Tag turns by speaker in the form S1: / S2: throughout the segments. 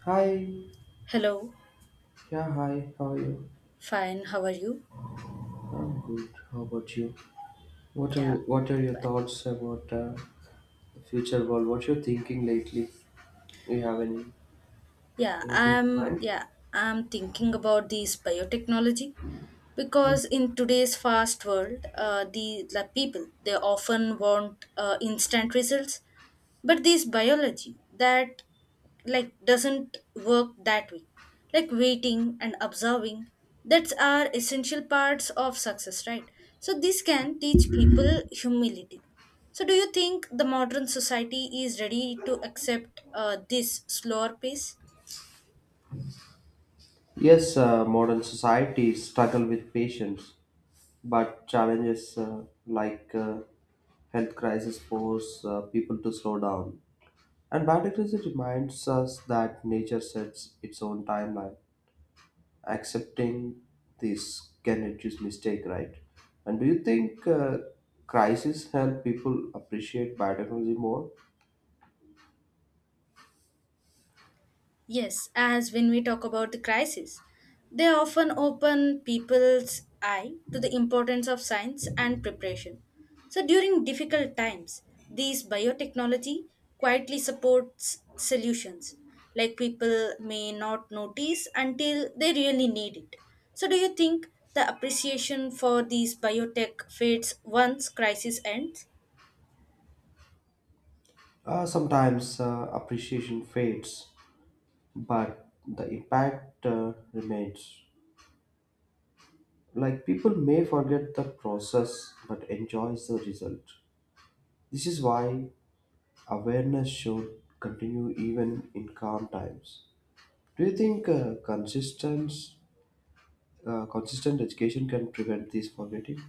S1: Hi,
S2: Hello,
S1: yeah, hi. How are you?
S2: fine. How are you?
S1: I'm good. How about you? What are
S2: Yeah,
S1: what are your thoughts about the future world? What you're thinking lately? Do you have any
S2: yeah.
S1: anything in mind?
S2: I'm thinking about this biotechnology. Because in today's fast world the people they often want instant results, but this biology that like doesn't work that way, like waiting and observing, that's are essential parts of success, right? So this can teach people humility. So do you think the modern society is ready to accept this slower pace?
S1: Yes, modern societies struggle with patience, but challenges like health crisis force people to slow down. And biodiversity reminds us that nature sets its own timeline. Accepting this can reduce mistake, right? And do you think crises help people appreciate biotechnology more?
S2: Yes, as when we talk about the crisis, they often open people's eye to the importance of science and preparation. So during difficult times, these biotechnology quietly supports solutions, like people may not notice until they really need it. So do you think the appreciation for these biotech fades once crisis ends?
S1: Sometimes appreciation fades, but the impact remains. Like, people may forget the process but enjoys the result. This is why awareness should continue even in calm times. Do you think consistent education can prevent this forgetting?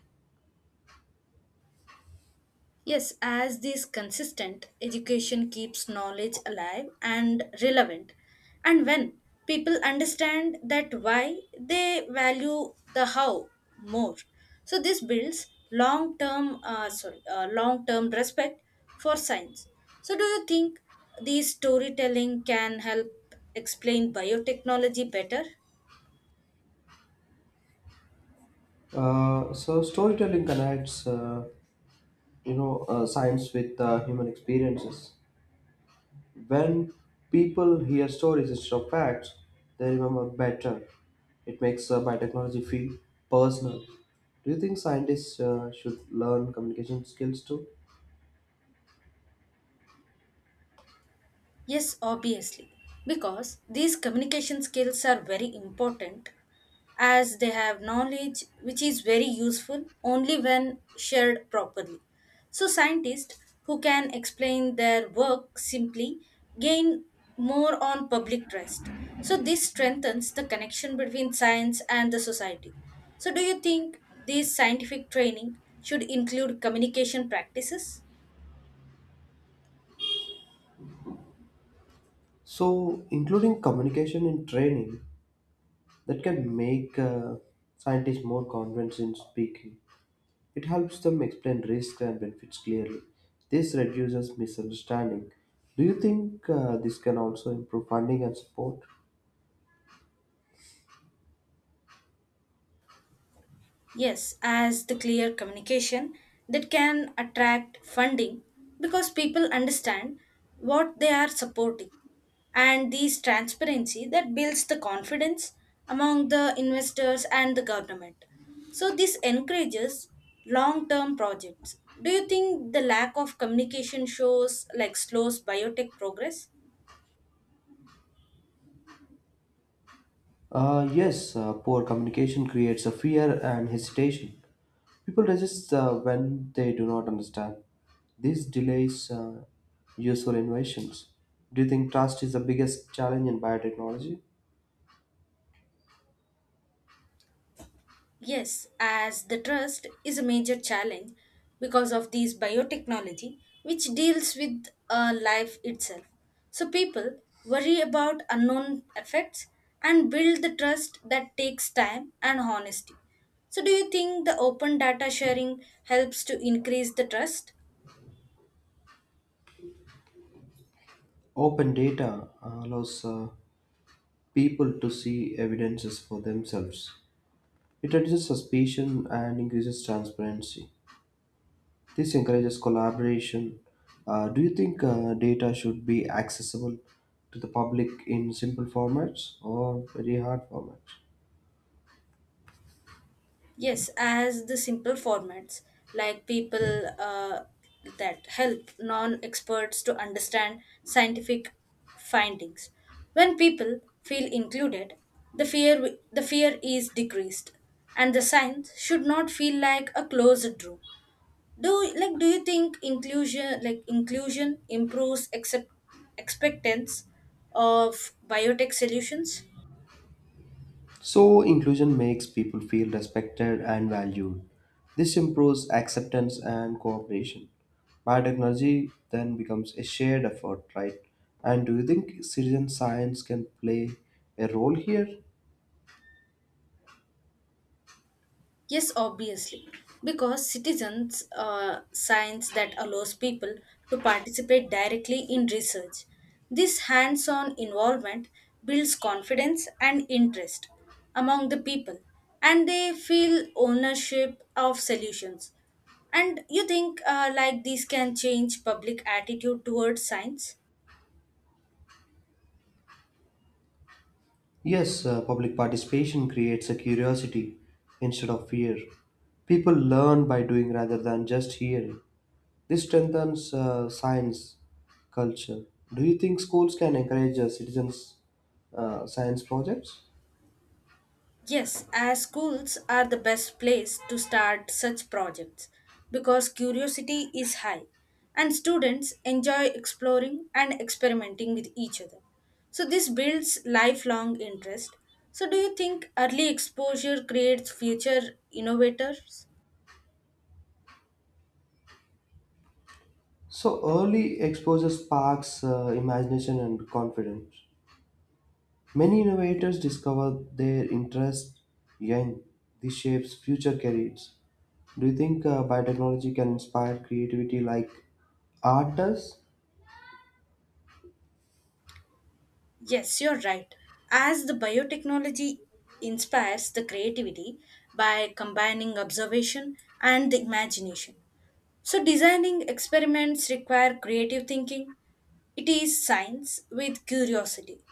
S2: Yes, as this consistent education keeps knowledge alive and relevant. And when people understand that why, they value the how more. So this builds long-term, sorry, long-term respect for science. So do you think these storytelling can help explain biotechnology better?
S1: So storytelling connects, science with human experiences. When people hear stories instead of facts, they remember better. It makes biotechnology feel personal. Do you think scientists should learn communication skills too?
S2: Yes, obviously, because these communication skills are very important, as they have knowledge which is very useful only when shared properly. So, scientists who can explain their work simply gain more on public trust. So, this strengthens the connection between science and the society. So, do you think this scientific training should include communication practices?
S1: So, including communication in training that can make scientists more confident in speaking. It helps them explain risks and benefits clearly. This reduces misunderstanding. Do you think this can also improve funding and support?
S2: Yes, as the clear communication that can attract funding, because people understand what they are supporting. And this transparency that builds the confidence among the investors and the government. So, this encourages long term projects. Do you think the lack of communication shows like slows biotech progress?
S1: Yes, poor communication creates a fear and hesitation. People resist when they do not understand. This delays useful innovations. Do you think trust is the biggest challenge in biotechnology?
S2: Yes, as the trust is a major challenge because of these biotechnology, which deals with life itself. So people worry about unknown effects and build the trust that takes time and honesty. So do you think the open data sharing helps to increase the trust?
S1: Open data allows people to see evidences for themselves. It reduces suspicion and increases transparency. This encourages collaboration. Do you think data should be accessible to the public in simple formats or very hard formats?
S2: Yes, as the simple formats like people that help non experts to understand scientific findings. When people feel included, the fear is decreased, and the science should not feel like a closed room. Do like do you think inclusion like inclusion improves accept, expectance of biotech solutions?
S1: So, inclusion makes people feel respected and valued. This improves acceptance and cooperation. Biotechnology then becomes a shared effort, right? And do you think citizen science can play a role here?
S2: Yes, obviously, because citizens science that allows people to participate directly in research. This hands on involvement builds confidence and interest among the people, and they feel ownership of solutions. And you think like this can change public attitude towards science?
S1: Yes, public participation creates a curiosity instead of fear. People learn by doing rather than just hearing. This strengthens science culture. Do you think schools can encourage citizens' science projects?
S2: Yes, as schools are the best place to start such projects, because curiosity is high and students enjoy exploring and experimenting with each other. So, this builds lifelong interest. So, do you think early exposure creates future innovators?
S1: So early exposure sparks imagination and confidence. Many innovators discover their interest young. This shapes future careers. Do you think biotechnology can inspire creativity like art does?
S2: Yes, you're right. As the biotechnology inspires the creativity by combining observation and the imagination. So, designing experiments require creative thinking. It is science with curiosity.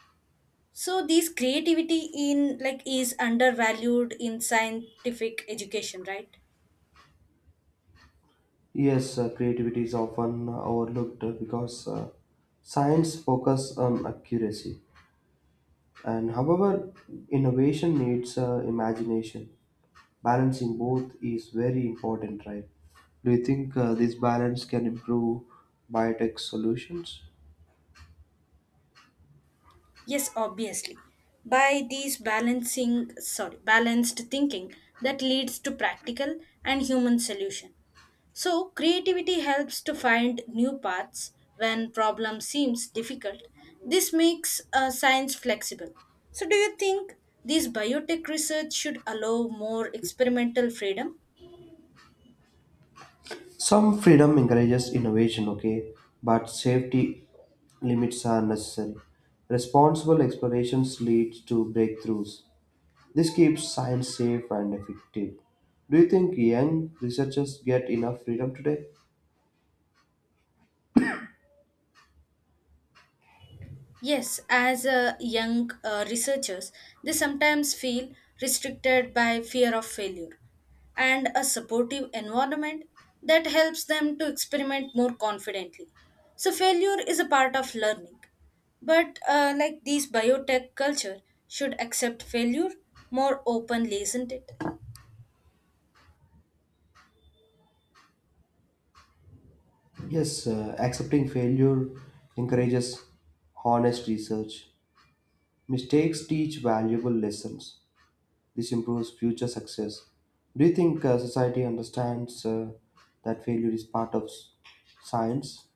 S2: So, this creativity in like is undervalued in scientific education, right?
S1: Yes, creativity is often overlooked because science focuses on accuracy. And however, innovation needs imagination. Balancing both is very important, right? Do you think this balance can improve biotech solutions?
S2: Yes, obviously. By these balancing, sorry, balanced thinking that leads to practical and human solution. So, creativity helps to find new paths when problem seems difficult. This makes science flexible. So, do you think this biotech research should allow more experimental freedom?
S1: Some freedom encourages innovation, okay, but safety limits are necessary. Responsible explorations leads to breakthroughs. This keeps science safe and effective. Do you think young researchers get enough freedom today?
S2: Yes, as young researchers, they sometimes feel restricted by fear of failure, and a supportive environment that helps them to experiment more confidently. So, failure is a part of learning. But, like these biotech culture, should accept failure more openly, isn't it?
S1: Yes, accepting failure encourages honest research. Mistakes teach valuable lessons. This improves future success. Do you think society understands that failure is part of science?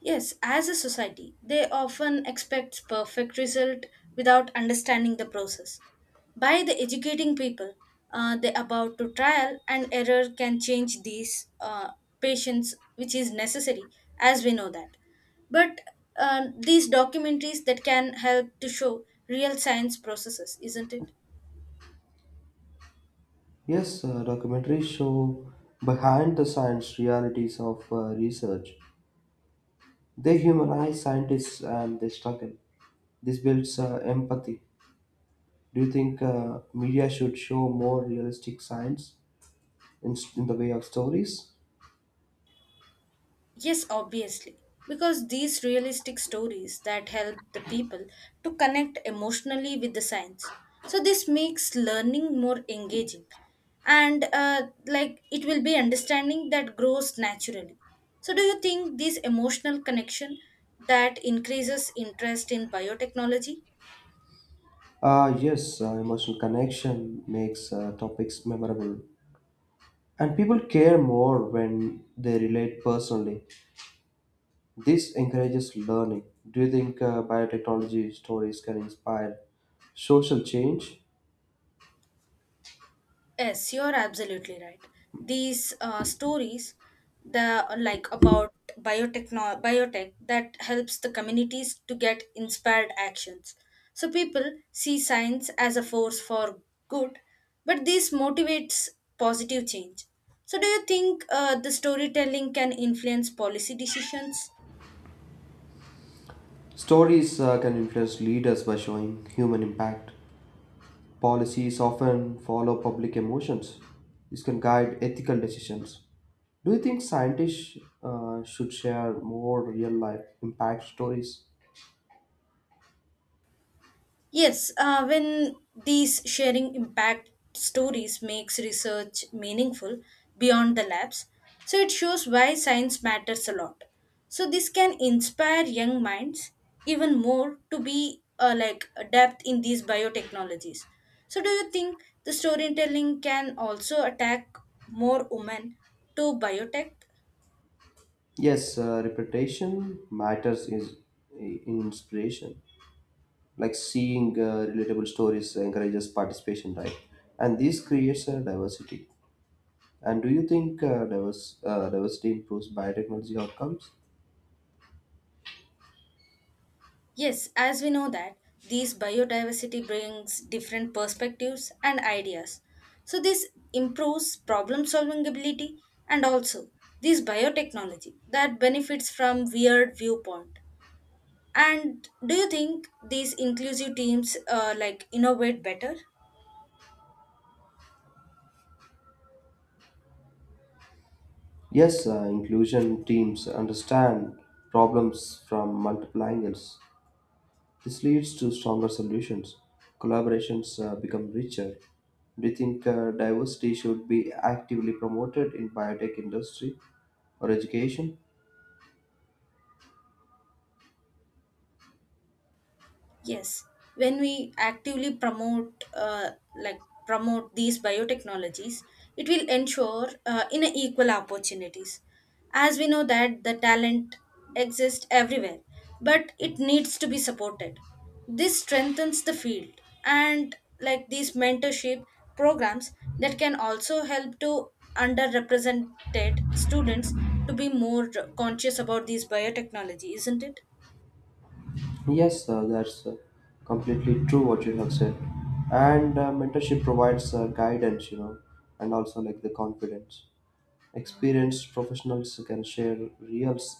S2: Yes, as a society, they often expect perfect result without understanding the process. By the educating people, they about to trial and error can change these patients, which is necessary, as we know that. But these documentaries that can help to show real science processes, isn't it?
S1: Yes, documentaries show behind the science realities of research. They humanize scientists and their struggle. This builds empathy. Do you think media should show more realistic science in the way of stories?
S2: Yes, obviously. Because these realistic stories that help the people to connect emotionally with the science. So this makes learning more engaging, and like it will be understanding that grows naturally. So do you think this emotional connection that increases interest in biotechnology?
S1: Yes, emotional connection makes topics memorable. And people care more when they relate personally. This encourages learning. Do you think biotechnology stories can inspire social change?
S2: Yes, you're absolutely right. These stories, the like about biotech that helps the communities to get inspired actions. So people see science as a force for good, but this motivates positive change. So do you think the storytelling can influence policy decisions?
S1: Stories can influence leaders by showing human impact. Policies often follow public emotions. This can guide ethical decisions. Do you think scientists should share more real life impact stories?
S2: Yes, when these sharing impact stories makes research meaningful beyond the labs, so it shows why science matters a lot. So this can inspire young minds even more to be like adept in these biotechnologies. So do you think the storytelling can also attack more women to biotech?
S1: Yes, reputation matters is in inspiration. Like, seeing relatable stories encourages participation, right? And this creates a diversity. And do you think diversity improves biotechnology outcomes?
S2: Yes, as we know that these biodiversity brings different perspectives and ideas. So this improves problem solving ability, and also this biotechnology that benefits from weird viewpoint. And do you think these inclusive teams like innovate better?
S1: Yes, inclusion teams understand problems from multiple angles. This leads to stronger solutions. Collaborations become richer. Do you think diversity should be actively promoted in biotech industry or education?
S2: Yes, when we actively promote like promote these biotechnologies, it will ensure in a equal opportunities. As we know that the talent exists everywhere, but it needs to be supported. This strengthens the field, and like these mentorship programs that can also help to underrepresented students to be more conscious about these biotechnology, isn't it?
S1: Yes, sir, that's completely true what you have said. And mentorship provides guidance, you know, and also like the confidence. Experienced professionals can share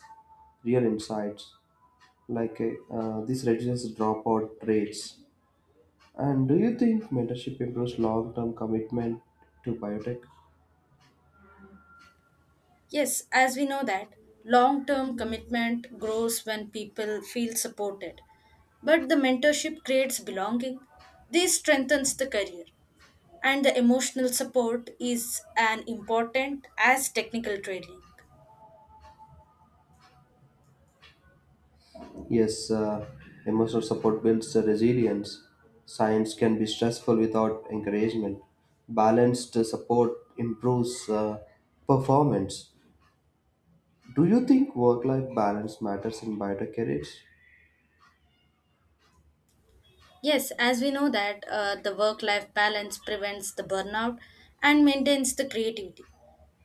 S1: real insights. Like this reduces dropout rates. And do you think mentorship improves long-term commitment to biotech?
S2: Yes, as we know that long term commitment grows when people feel supported, but the mentorship creates belonging. This strengthens the career, and the emotional support is an important as technical training.
S1: Yes, emotional support builds resilience. Science can be stressful without encouragement. Balanced support improves performance. Do you think work life balance matters in biotech careers?
S2: Yes, as we know that the work life balance prevents the burnout and maintains the creativity.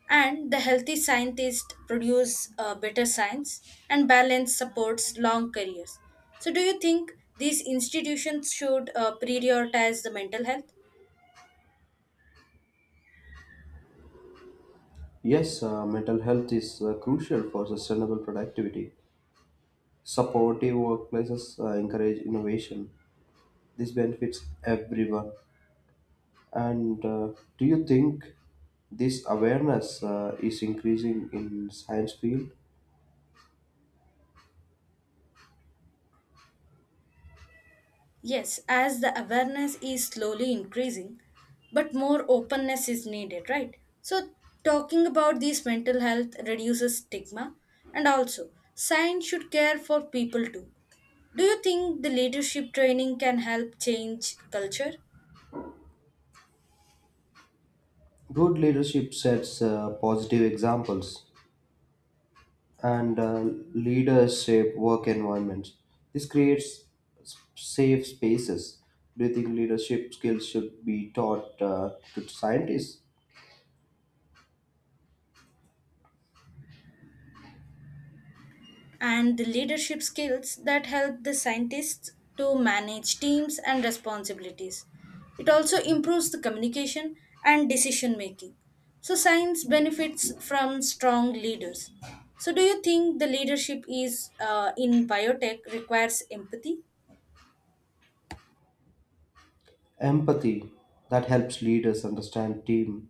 S2: And the healthy scientists produce better science, and balance supports long careers. So, do you think these institutions should prioritize the mental health?
S1: Yes, mental health is crucial for sustainable productivity. Supportive workplaces encourage innovation. This benefits everyone. And do you think this awareness is increasing in science field?
S2: Yes, as the awareness is slowly increasing, but more openness is needed, right? So, talking about this mental health reduces stigma, and also science should care for people too. Do you think the leadership training can help change culture?
S1: Good leadership sets positive examples, and leaders shape work environments. This creates safe spaces. Do you think leadership skills should be taught to scientists?
S2: And the leadership skills that help the scientists to manage teams and responsibilities. It also improves the communication and decision making. So, science benefits from strong leaders. So, do you think the leadership is in biotech requires empathy?
S1: Empathy that helps leaders understand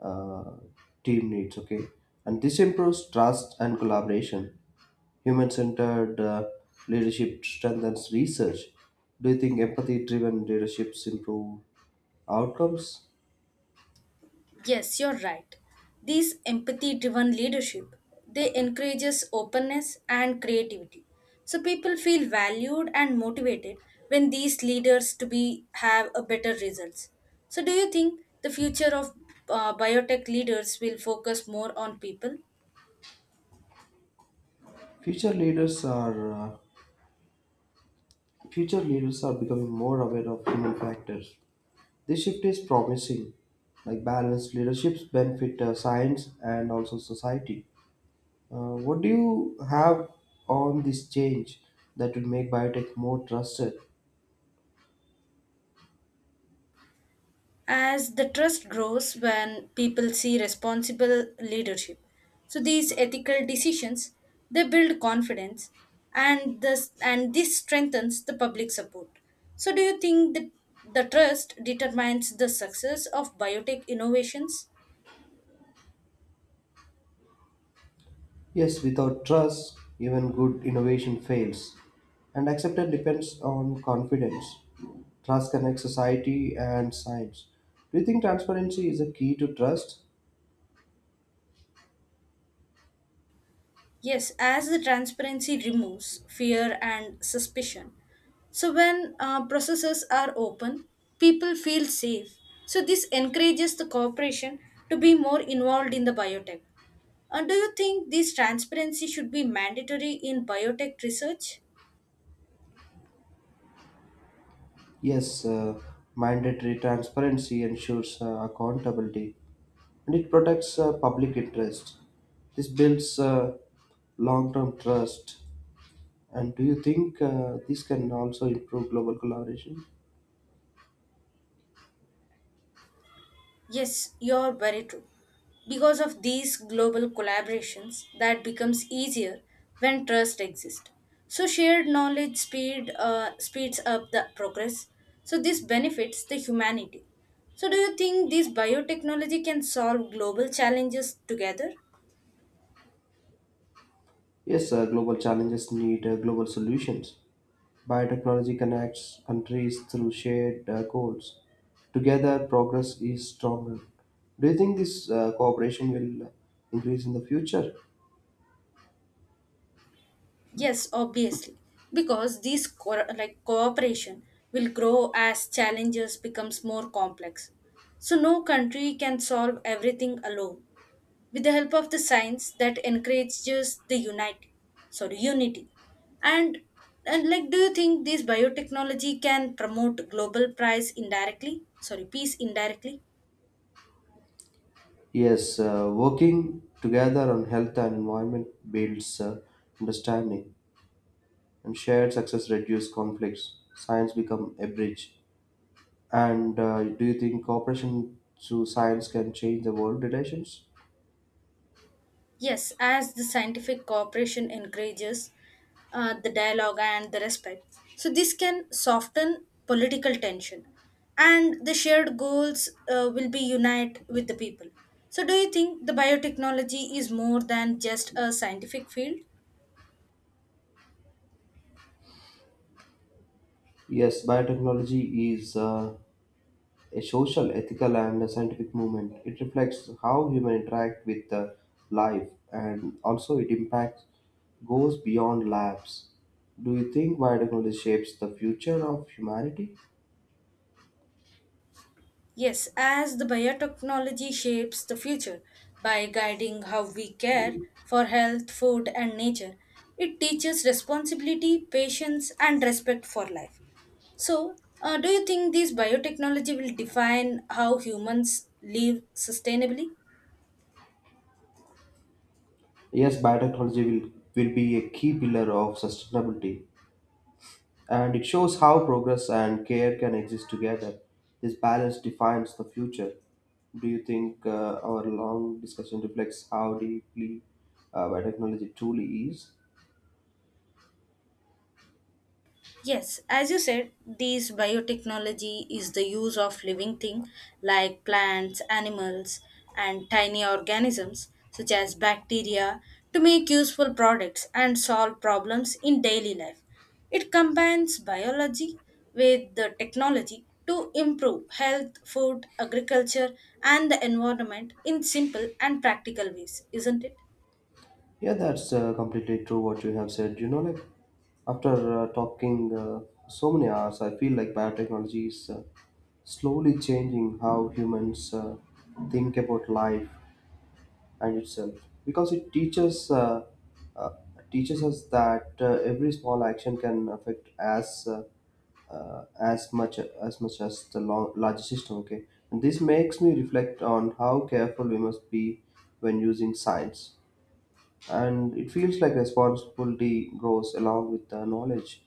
S1: uh, team needs, okay, and this improves trust and collaboration. Human-centered leadership strengthens research. Do you think empathy-driven leaderships improve outcomes?
S2: Yes, you're right. These empathy driven leadership, they encourages openness and creativity. So people feel valued and motivated when these leaders to be have a better results. So do you think the future of biotech leaders will focus more on people?
S1: Future leaders are uh, future leaders are becoming more aware of human factors. This shift is promising. Like, balanced leaderships benefit science and also society. What do you have on this change that would make biotech more trusted?
S2: As the trust grows when people see responsible leadership, so these ethical decisions they build confidence, and this strengthens the public support. So do you think that the trust determines the success of biotech innovations?
S1: Yes, without trust, even good innovation fails. And acceptance depends on confidence. Trust connects society and science. Do you think transparency is a key to trust?
S2: Yes, as the transparency removes fear and suspicion. So, when processes are open, people feel safe. So, this encourages the corporation to be more involved in the biotech. And do you think this transparency should be mandatory in biotech research?
S1: Yes, mandatory transparency ensures accountability, and it protects public interest. This builds long term trust. And do you think this can also improve global collaboration?
S2: Yes, you're very true. Because of these global collaborations, that becomes easier when trust exists. So shared knowledge speeds up the progress. So this benefits the humanity. So do you think this biotechnology can solve global challenges together?
S1: Yes, global challenges need global solutions. Biotechnology connects countries through shared goals. Together, progress is stronger. Do you think this cooperation will increase in the future?
S2: Yes, obviously, because these like cooperation will grow as challenges becomes more complex. So no country can solve everything alone. With the help of the science that encourages the unite, sorry, unity, and like do you think this biotechnology can promote global price indirectly, sorry, peace indirectly?
S1: Yes, working together on health and environment builds understanding, and shared success reduces conflicts. Science become a bridge. And do you think cooperation through science can change the world relations?
S2: Yes, as the scientific cooperation encourages the dialogue and the respect, so this can soften political tension, and the shared goals will be unite with the people. So do you think the biotechnology is more than just a scientific field?
S1: Yes, biotechnology is a social, ethical, and a scientific movement. It reflects how humans interact with life, and also it impacts goes beyond labs. Do you think biotechnology shapes the future of humanity?
S2: Yes, as the biotechnology shapes the future by guiding how we care for health, food, and nature, it teaches responsibility, patience, and respect for life. So, do you think these biotechnology will define how humans live sustainably?
S1: Yes, biotechnology will be a key pillar of sustainability. And it shows how progress and care can exist together. This balance defines the future. Do you think our long discussion reflects how deeply biotechnology truly is?
S2: Yes, as you said, this biotechnology is the use of living things like plants, animals, and tiny organisms such as bacteria to make useful products and solve problems in daily life. It combines biology with the technology to improve health, food, agriculture, and the environment in simple and practical ways, isn't it?
S1: Yeah, that's completely true what you have said. You know, like after talking so many hours, I feel like biotechnology is slowly changing how humans think about life and itself, because it teaches uh, teaches us that every small action can affect as as much as the long, larger system, okay. And this makes me reflect on how careful we must be when using science, and it feels like responsibility grows along with the knowledge.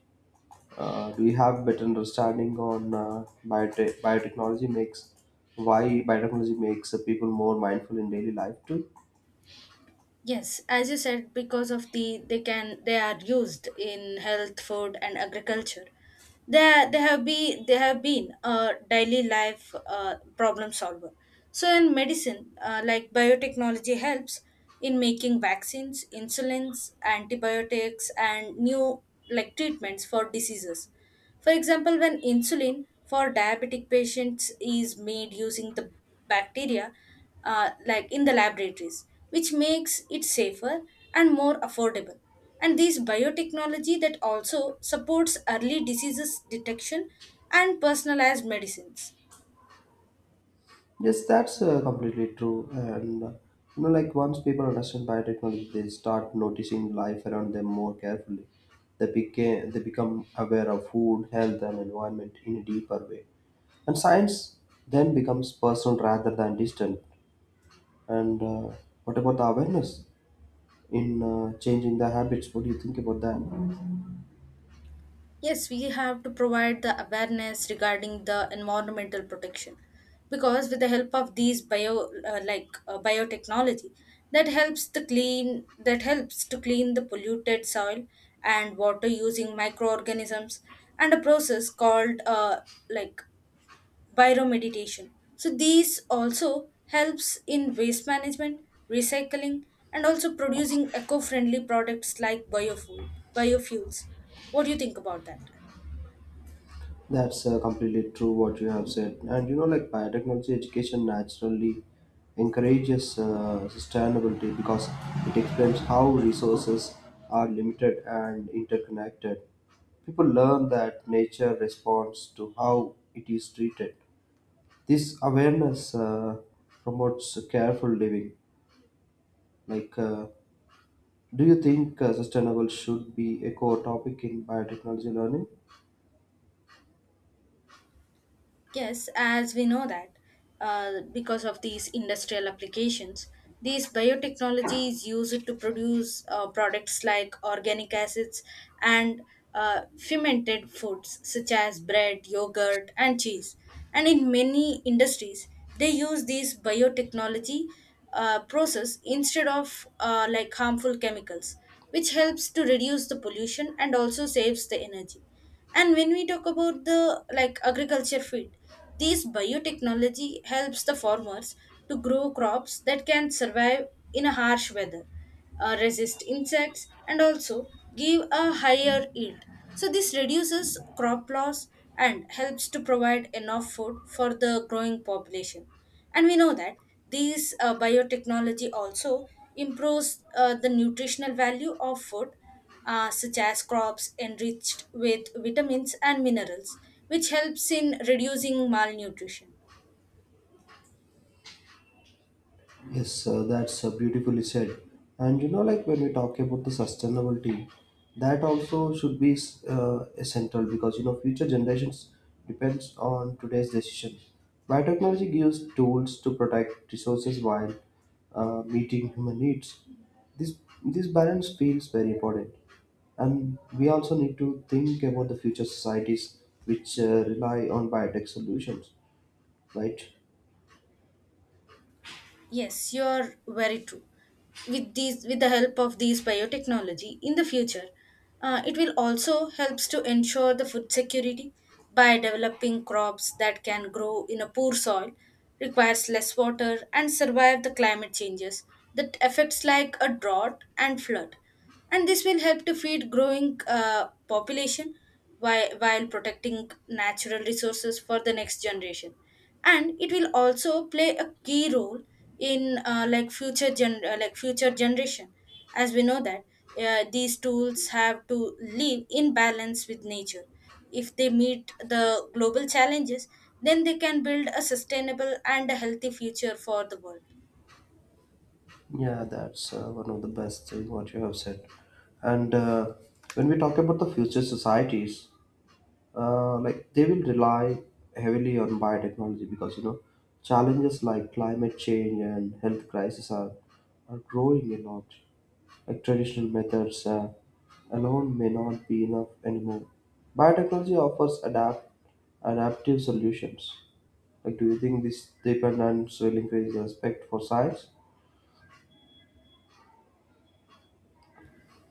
S1: Do we have better understanding on biotechnology makes why biotechnology makes people more mindful in daily life too?
S2: Yes, as you said, because of the they are used in health, food, and agriculture. They have be they have been a daily life problem solver. So in medicine, like biotechnology helps in making vaccines, insulins, antibiotics, and new like treatments for diseases. For example, when insulin for diabetic patients is made using the bacteria, like in the laboratories, which makes it safer and more affordable. And this biotechnology that also supports early diseases detection and personalized medicines.
S1: Yes, that's completely true. And you know, like once people understand biotechnology, they start noticing life around them more carefully. They became they become aware of food, health, and environment in a deeper way. And science then becomes personal rather than distant. And what about the awareness in changing the habits? What do you think about that?
S2: Yes, we have to provide the awareness regarding the environmental protection, because with the help of these bio like biotechnology that helps to clean the polluted soil and water using microorganisms and a process called like bioremediation. So these also helps in waste management, recycling, and also producing eco-friendly products like biofuels. What do you think about that?
S1: That's completely true what you have said. And you know, like biotechnology education naturally encourages sustainability, because it explains how resources are limited and interconnected. People learn that nature responds to how it is treated. This awareness promotes careful living. Like, do you think sustainable should be a core topic in biotechnology learning?
S2: Yes, as we know that because of these industrial applications, these biotechnology is used to produce products like organic acids and fermented foods such as bread, yogurt, and cheese. And in many industries, they use these biotechnology process instead of like harmful chemicals, which helps to reduce the pollution and also saves the energy. And when we talk about the like agriculture field, this biotechnology helps the farmers to grow crops that can survive in a harsh weather, resist insects, and also give a higher yield. So this reduces crop loss and helps to provide enough food for the growing population. And we know that these biotechnology also improves the nutritional value of food, such as crops enriched with vitamins and minerals, which helps in reducing malnutrition.
S1: Yes, sir, that's beautifully said. And you know, like when we talk about the sustainability, that also should be essential, because you know future generations depends on today's decisions. Biotechnology gives tools to protect resources while meeting human needs. This this balance feels very important, and we also need to think about the future societies which rely on biotech solutions, right?
S2: Yes, you're very true. With these, with the help of these biotechnology, in the future, it will also helps to ensure the food security by developing crops that can grow in a poor soil, requires less water, and survive the climate changes that affects like a drought and flood. And this will help to feed growing population, while protecting natural resources for the next generation. And it will also play a key role in like future gen like future generation. As we know that these tools have to live in balance with nature, if they meet the global challenges, then they can build a sustainable and a healthy future for the world.
S1: Yeah, that's one of the best thing what you have said. And when we talk about the future societies, like they will rely heavily on biotechnology, because you know challenges like climate change and health crisis are growing a lot. Like traditional methods alone may not be enough anymore. Biotechnology offers adaptive solutions. Like, do you think this dependence will increase the respect for science?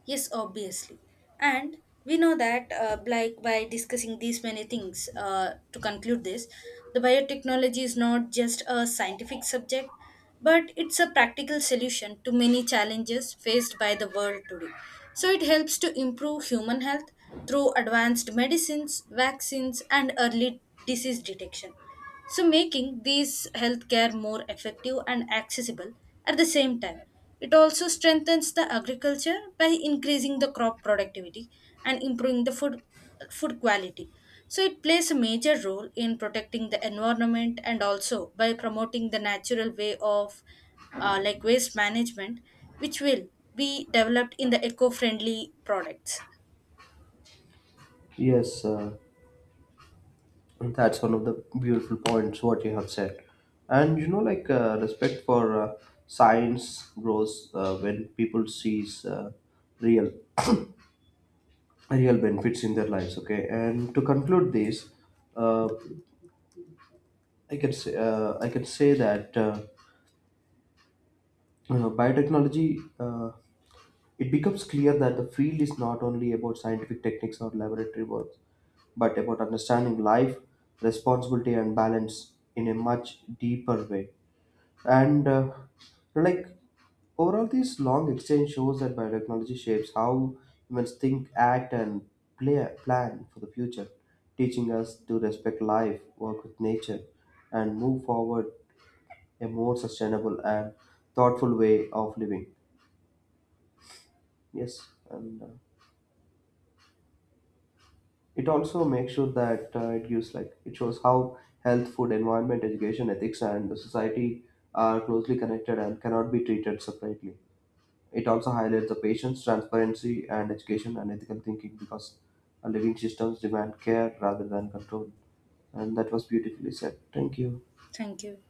S2: Yes, obviously. And we know that, like by discussing these many things, to conclude this, the biotechnology is not just a scientific subject, but it's a practical solution to many challenges faced by the world today. So it helps to improve human health through advanced medicines, vaccines, and early disease detection. So, making these healthcare more effective and accessible at the same time. It also strengthens the agriculture by increasing the crop productivity and improving food quality. So, it plays a major role in protecting the environment and also by promoting the natural way of like waste management, which will be developed in the eco friendly products.
S1: Yes. That's one of the beautiful points what you have said. And you know, like respect for science grows when people sees real real benefits in their lives. Okay, and to conclude this, uh, I can say that biotechnology, it becomes clear that the field is not only about scientific techniques or laboratory work, but about understanding life, responsibility, and balance in a much deeper way. And like overall, this long exchange shows that biotechnology shapes how humans think, act, and plan for the future, teaching us to respect life, work with nature, and move forward a more sustainable and thoughtful way of living. Yes, and it also makes sure that it gives like it shows how health, food, environment, education, ethics, and the society are closely connected and cannot be treated separately. It also highlights the patience, transparency, and education and ethical thinking, because our living systems demand care rather than control. And that was beautifully said. Thank you.
S2: Thank you.